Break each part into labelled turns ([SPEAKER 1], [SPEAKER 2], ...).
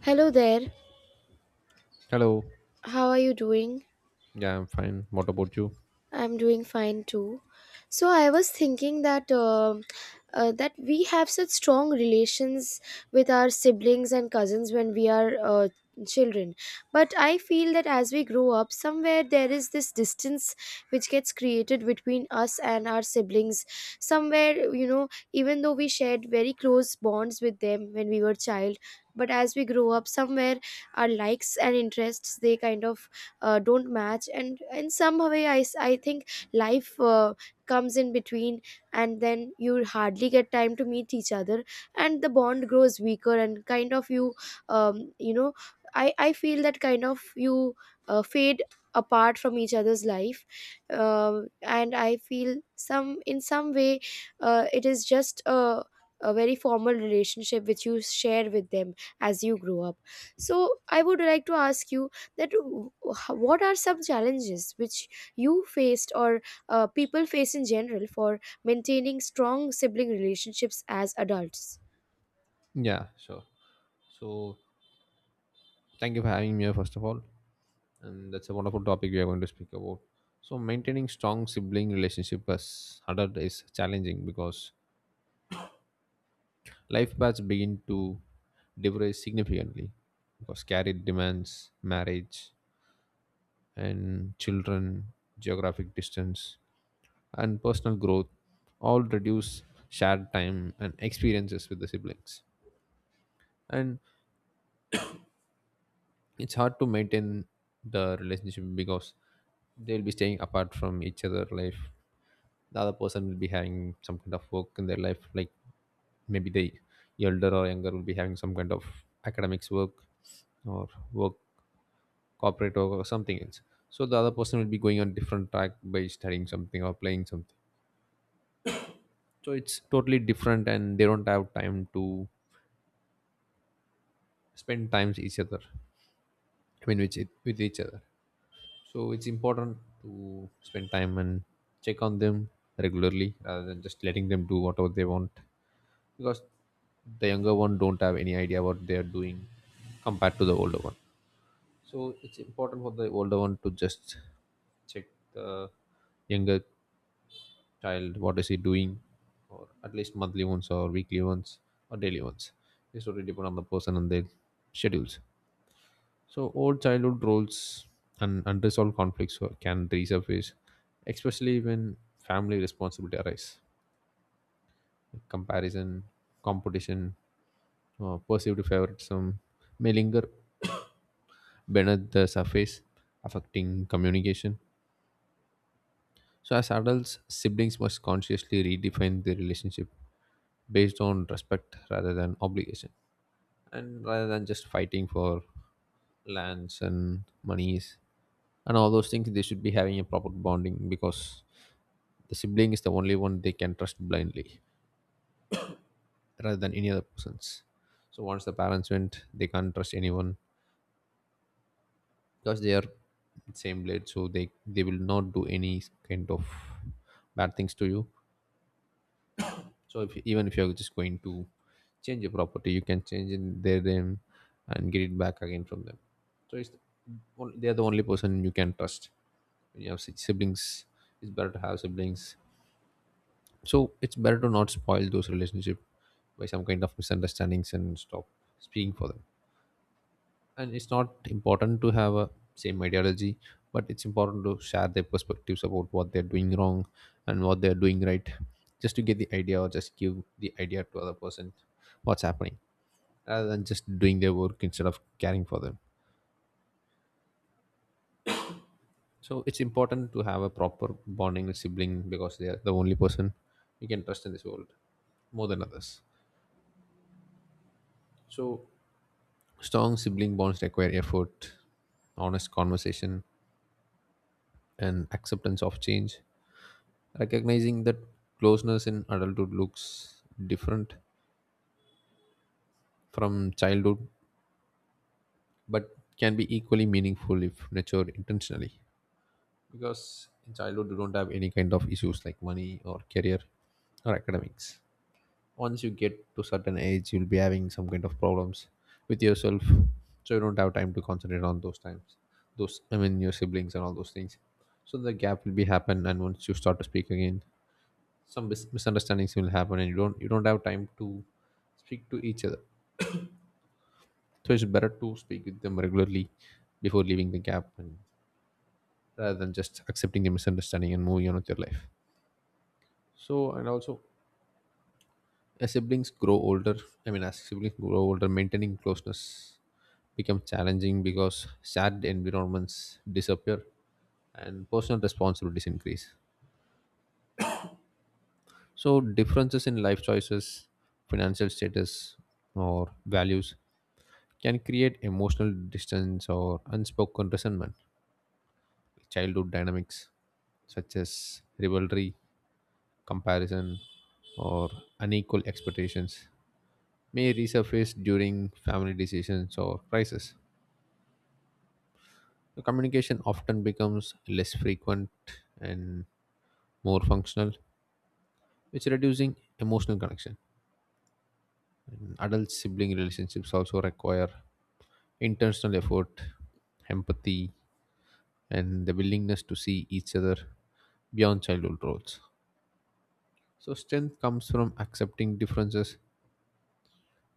[SPEAKER 1] Hello there.
[SPEAKER 2] Hello.
[SPEAKER 1] How are you doing?
[SPEAKER 2] Yeah, I'm fine. What about you?
[SPEAKER 1] I'm doing fine too. So I was thinking that that we have such strong relations with our siblings and cousins when we are children. But I feel that as we grow up, somewhere there is this distance which gets created between us and our siblings. Somewhere, you know, even though we shared very close bonds with them when we were child, but as we grow up, somewhere our likes and interests they kind of don't match, and in some way I think life comes in between, and then you hardly get time to meet each other and the bond grows weaker and kind of you you know I feel that kind of you fade apart from each other's life. And I feel some in some way it is just a very formal relationship which you share with them as you grow up. So I would like to ask you that what are some challenges which you faced, or people face in general, for maintaining strong sibling relationships as adults?
[SPEAKER 2] Yeah, sure. So, thank you for having me here, first of all. And that's a wonderful topic we are going to speak about. So, maintaining strong sibling relationship as adult is challenging because life paths begin to diverge significantly because career demands, marriage, and children, geographic distance, and personal growth all reduce shared time and experiences with the siblings. And it's hard to maintain the relationship because they'll be staying apart from each other life, the other person will be having some kind of work in their life, like maybe the elder or younger will be having some kind of academics work or work, corporate work or something else. So the other person will be going on different track by studying something or playing something, so it's totally different and they don't have time to spend times each other. I mean with each other. So it's important to spend time and check on them regularly rather than just letting them do whatever they want, because the younger one don't have any idea what they are doing compared to the older one. So it's important for the older one to just check the younger child what is he doing, or at least monthly ones, or weekly ones, or daily ones. It's totally depend on the person and their schedules. So old childhood roles and unresolved conflicts can resurface, especially when family responsibility arise. Like comparison, competition, perceived favoritism may linger beneath the surface, affecting communication. So as adults, siblings must consciously redefine their relationship based on respect rather than obligation, and rather than just fighting for lands and monies and all those things. They should be having a proper bonding because the sibling is the only one they can trust blindly rather than any other persons. So once the parents went, they can't trust anyone because they are same blade, so they will not do any kind of bad things to you. So if even if you're just going to change your property, you can change in their name and get it back again from them. So it's, they are the only person you can trust. When you have siblings, it's better to have siblings. So it's better to not spoil those relationship by some kind of misunderstandings and stop speaking for them. And it's not important to have a same ideology, but it's important to share their perspectives about what they're doing wrong and what they're doing right, just to get the idea or just give the idea to other person what's happening, rather than just doing their work instead of caring for them. So it's important to have a proper bonding with sibling because they are the only person you can trust in this world more than others. So strong sibling bonds require effort, honest conversation, and acceptance of change. Recognizing that closeness in adulthood looks different from childhood, but can be equally meaningful if nurtured intentionally. Because in childhood, you don't have any kind of issues like money or career or academics. Once you get to certain age, you'll be having some kind of problems with yourself, so you don't have time to concentrate on those times, those, I mean your siblings and all those things. So the gap will be happen, and once you start to speak again, some misunderstandings will happen and you don't have time to speak to each other. So it's better to speak with them regularly before leaving the gap, and rather than just accepting the misunderstanding and moving on with your life. So and also as siblings grow older, I mean as siblings grow older, maintaining closeness become challenging because shared environments disappear and personal responsibilities increase. So, differences in life choices, financial status, or values can create emotional distance or unspoken resentment. Childhood dynamics such as rivalry, comparison, or unequal expectations may resurface during family decisions or crisis. The communication often becomes less frequent and more functional, which reducing emotional connection. And adult sibling relationships also require intentional effort, empathy, and the willingness to see each other beyond childhood roles. So strength comes from accepting differences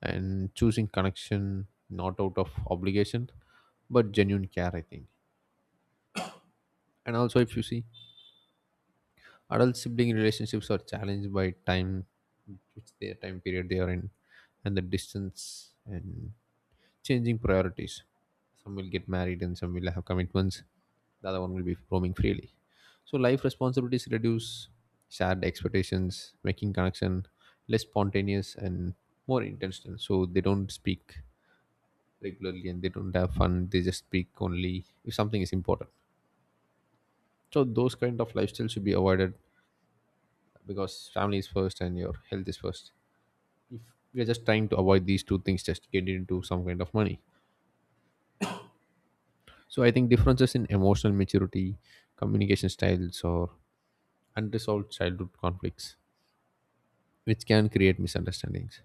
[SPEAKER 2] and choosing connection not out of obligation but genuine care, I think. And also if you see, adult sibling relationships are challenged by time, which their time period they are in, and the distance and changing priorities. Some will get married and some will have commitments. The other one will be roaming freely. So life responsibilities reduce, shared expectations, making connection less spontaneous and more intentional. So they don't speak regularly and they don't have fun. They just speak only if something is important. So those kind of lifestyles should be avoided because family is first and your health is first. If we are just trying to avoid these two things, just get into some kind of money. So I think differences in emotional maturity, communication styles, or unresolved childhood conflicts, which can create misunderstandings.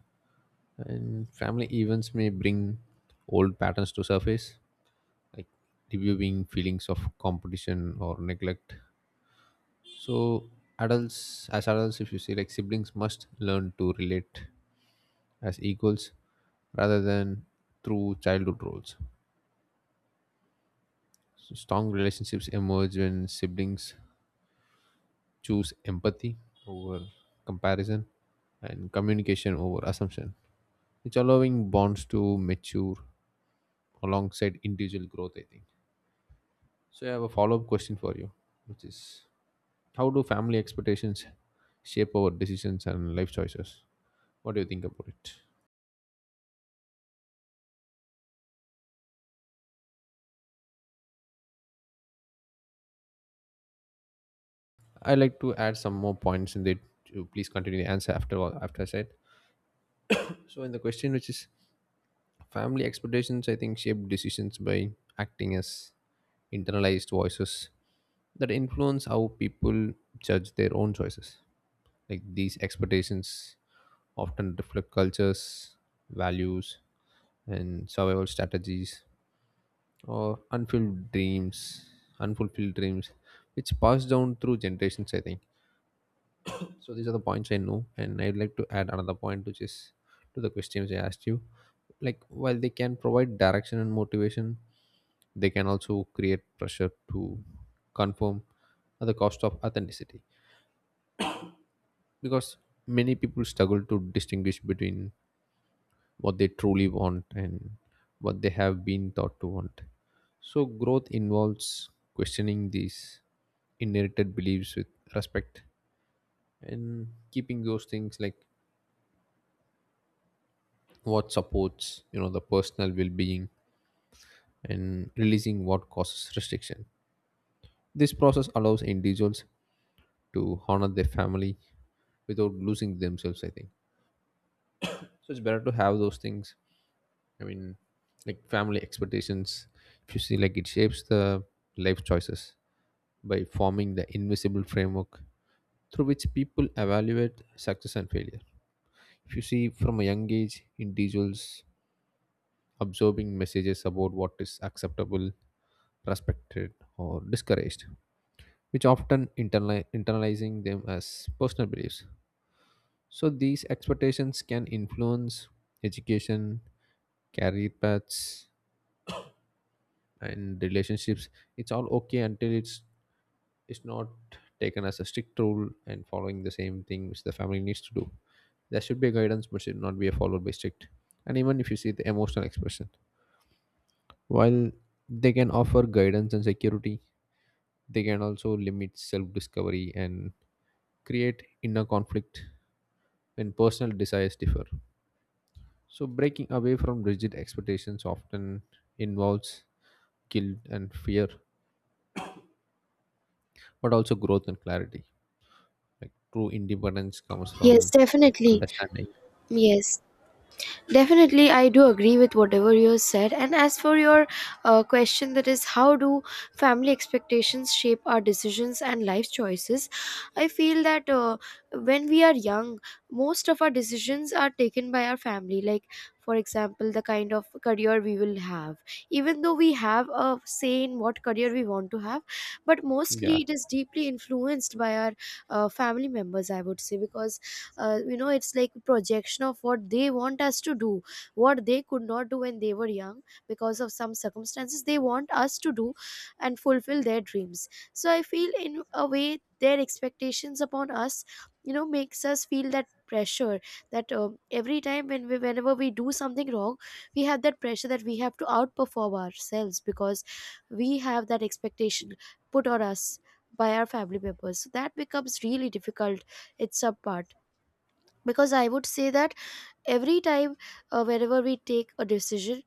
[SPEAKER 2] And family events may bring old patterns to surface, like reviewing feelings of competition or neglect. So adults, as adults, if you see, like siblings must learn to relate as equals rather than through childhood roles. So strong relationships emerge when siblings choose empathy over comparison and communication over assumption, it's allowing bonds to mature alongside individual growth, I think. So I have a follow-up question for you, which is, how do family expectations shape our decisions and life choices? What do you think about it? I like to add some more points in it, to please continue the answer after all after I said. So in the question which is family expectations, I think shape decisions by acting as internalized voices that influence how people judge their own choices. Like these expectations often reflect cultures, values, and survival strategies or unfulfilled dreams, which pass down through generations, I think. So these are the points I know, and I'd like to add another point, which is to the questions I asked you. Like while they can provide direction and motivation, they can also create pressure to conform at the cost of authenticity. Because many people struggle to distinguish between what they truly want and what they have been taught to want. So, growth involves questioning these inherited beliefs with respect and keeping those things like what supports, the personal well-being, and releasing what causes restriction. This process allows individuals to honor their family without losing themselves, I think. So it's better to have those things. I mean, like family expectations, if you see, like it shapes the life choices by forming the invisible framework through which people evaluate success and failure. If you see from a young age, individuals absorbing messages about what is acceptable, respected, or discouraged, which often internalizing them as personal beliefs. So these expectations can influence education, career paths, and relationships. It's all okay until it's is not taken as a strict rule and following the same thing which the family needs to do. There should be a guidance, but should not be followed by strict. And even if you see the emotional expression, while they can offer guidance and security, they can also limit self discovery and create inner conflict when personal desires differ. So, breaking away from rigid expectations often involves guilt and fear, but also growth and clarity. Like true independence comes
[SPEAKER 1] Yes,
[SPEAKER 2] from
[SPEAKER 1] definitely.
[SPEAKER 2] understanding.
[SPEAKER 1] Yes, definitely, I do agree with whatever you have said. And as for your question, that is, how do family expectations shape our decisions and life choices? I feel that when we are young, most of our decisions are taken by our family. Like, for example, the kind of career we will have. Even though we have a say in what career we want to have, but mostly
[SPEAKER 2] Yeah,
[SPEAKER 1] it is deeply influenced by our family members, I would say, because you know, it's like projection of what they want us to do, what they could not do when they were young because of some circumstances. They want us to do and fulfill their dreams. So I feel in a way their expectations upon us, you know, makes us feel that pressure, that every time when we whenever we do something wrong, we have that pressure that we have to outperform ourselves because we have that expectation put on us by our family members. So that becomes really difficult. It's a part, because I would say that every time, whenever we take a decision,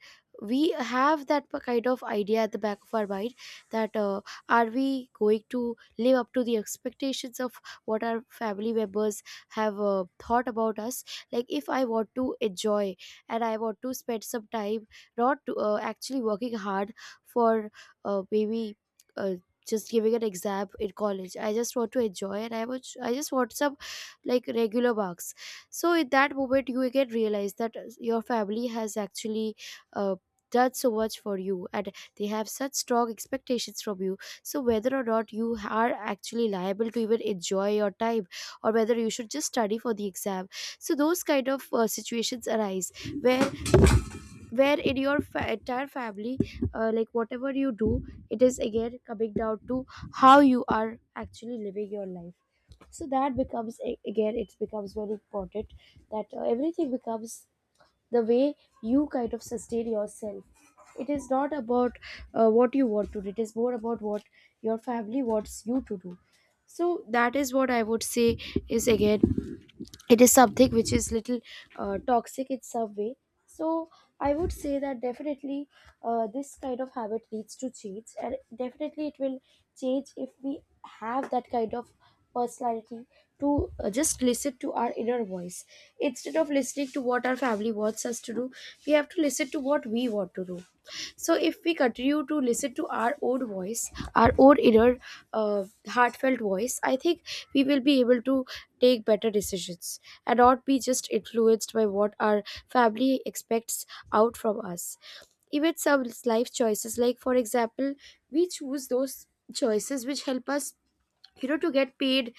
[SPEAKER 1] we have that kind of idea at the back of our mind that are we going to live up to the expectations of what our family members have thought about us. Like, if I want to enjoy and I want to spend some time, not to, actually working hard for maybe uh, just giving an exam in college, I just want to enjoy and I just want some like regular marks. So in that moment you get realize that your family has actually uh, done so much for you, and they have such strong expectations from you. So whether or not you are actually liable to even enjoy your time, or whether you should just study for the exam. So those kind of situations arise where in your entire family, like whatever you do, it is again coming down to how you are actually living your life. So that becomes again, it becomes very important that everything becomes the way you kind of sustain yourself. It is not about what you want to do, it is more about what your family wants you to do. So that is what I would say, is again, it is something which is little toxic in some way. So I would say that definitely this kind of habit leads to change, and definitely it will change if we have that kind of personality to just listen to our inner voice instead of listening to what our family wants us to do. We have to listen to what we want to do. So if we continue to listen to our own voice, our own inner heartfelt voice, I think we will be able to take better decisions and not be just influenced by what our family expects out from us. Even some life choices, like for example, we choose those choices which help us, you know, to get paid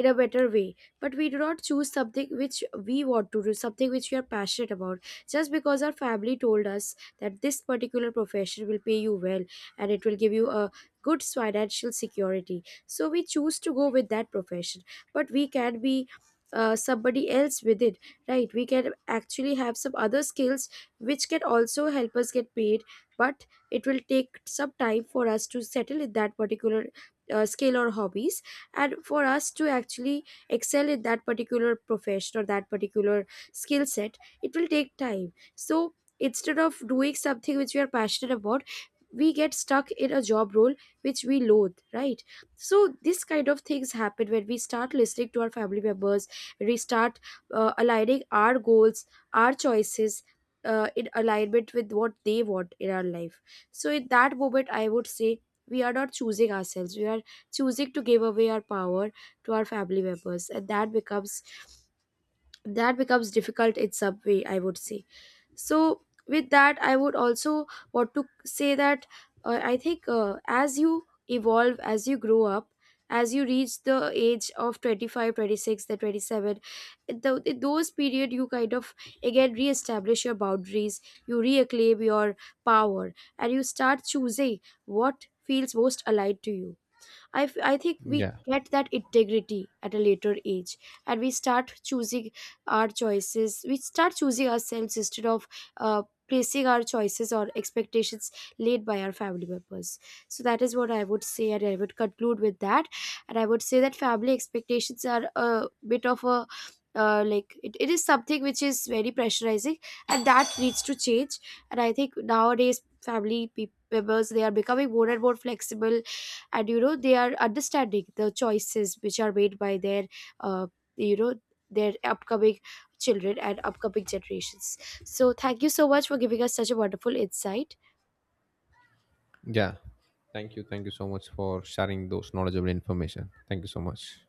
[SPEAKER 1] in a better way, but we do not choose something which we want to do, something which we are passionate about, just because our family told us that this particular profession will pay you well and it will give you a good financial security, so we choose to go with that profession. But we can be somebody else with it, right? We can actually have some other skills which can also help us get paid, but it will take some time for us to settle in that particular skill or hobbies, and for us to actually excel in that particular profession or that particular skill set, it will take time. So instead of doing something which we are passionate about, we get stuck in a job role which we loathe, right? So this kind of things happen when we start listening to our family members, when we start aligning our goals, our choices, in alignment with what they want in our life. So in that moment I would say we are not choosing ourselves, we are choosing to give away our power to our family members, and that becomes, that becomes difficult in some way, I would say. So with that I would also want to say that I think, as you evolve, as you grow up, as you reach the age of 25, 26, the 27, in in those period, you kind of again reestablish your boundaries, you reclaim your power, and you start choosing what feels most aligned to you. I think we
[SPEAKER 2] yeah.
[SPEAKER 1] get that integrity at a later age, and we start choosing our choices, we start choosing ourselves instead of placing our choices or expectations laid by our family members. So that is what I would say, and I would conclude with that. And I would say that family expectations are a bit of a, like it is something which is very pressurizing, and that needs to change. And I think nowadays family peop members, they are becoming more and more flexible, and you know, they are understanding the choices which are made by their uh, you know their upcoming children and upcoming generations. So thank you so much for giving us such a wonderful insight.
[SPEAKER 2] Yeah. Thank you. Thank you so much for sharing those knowledgeable information. Thank you so much.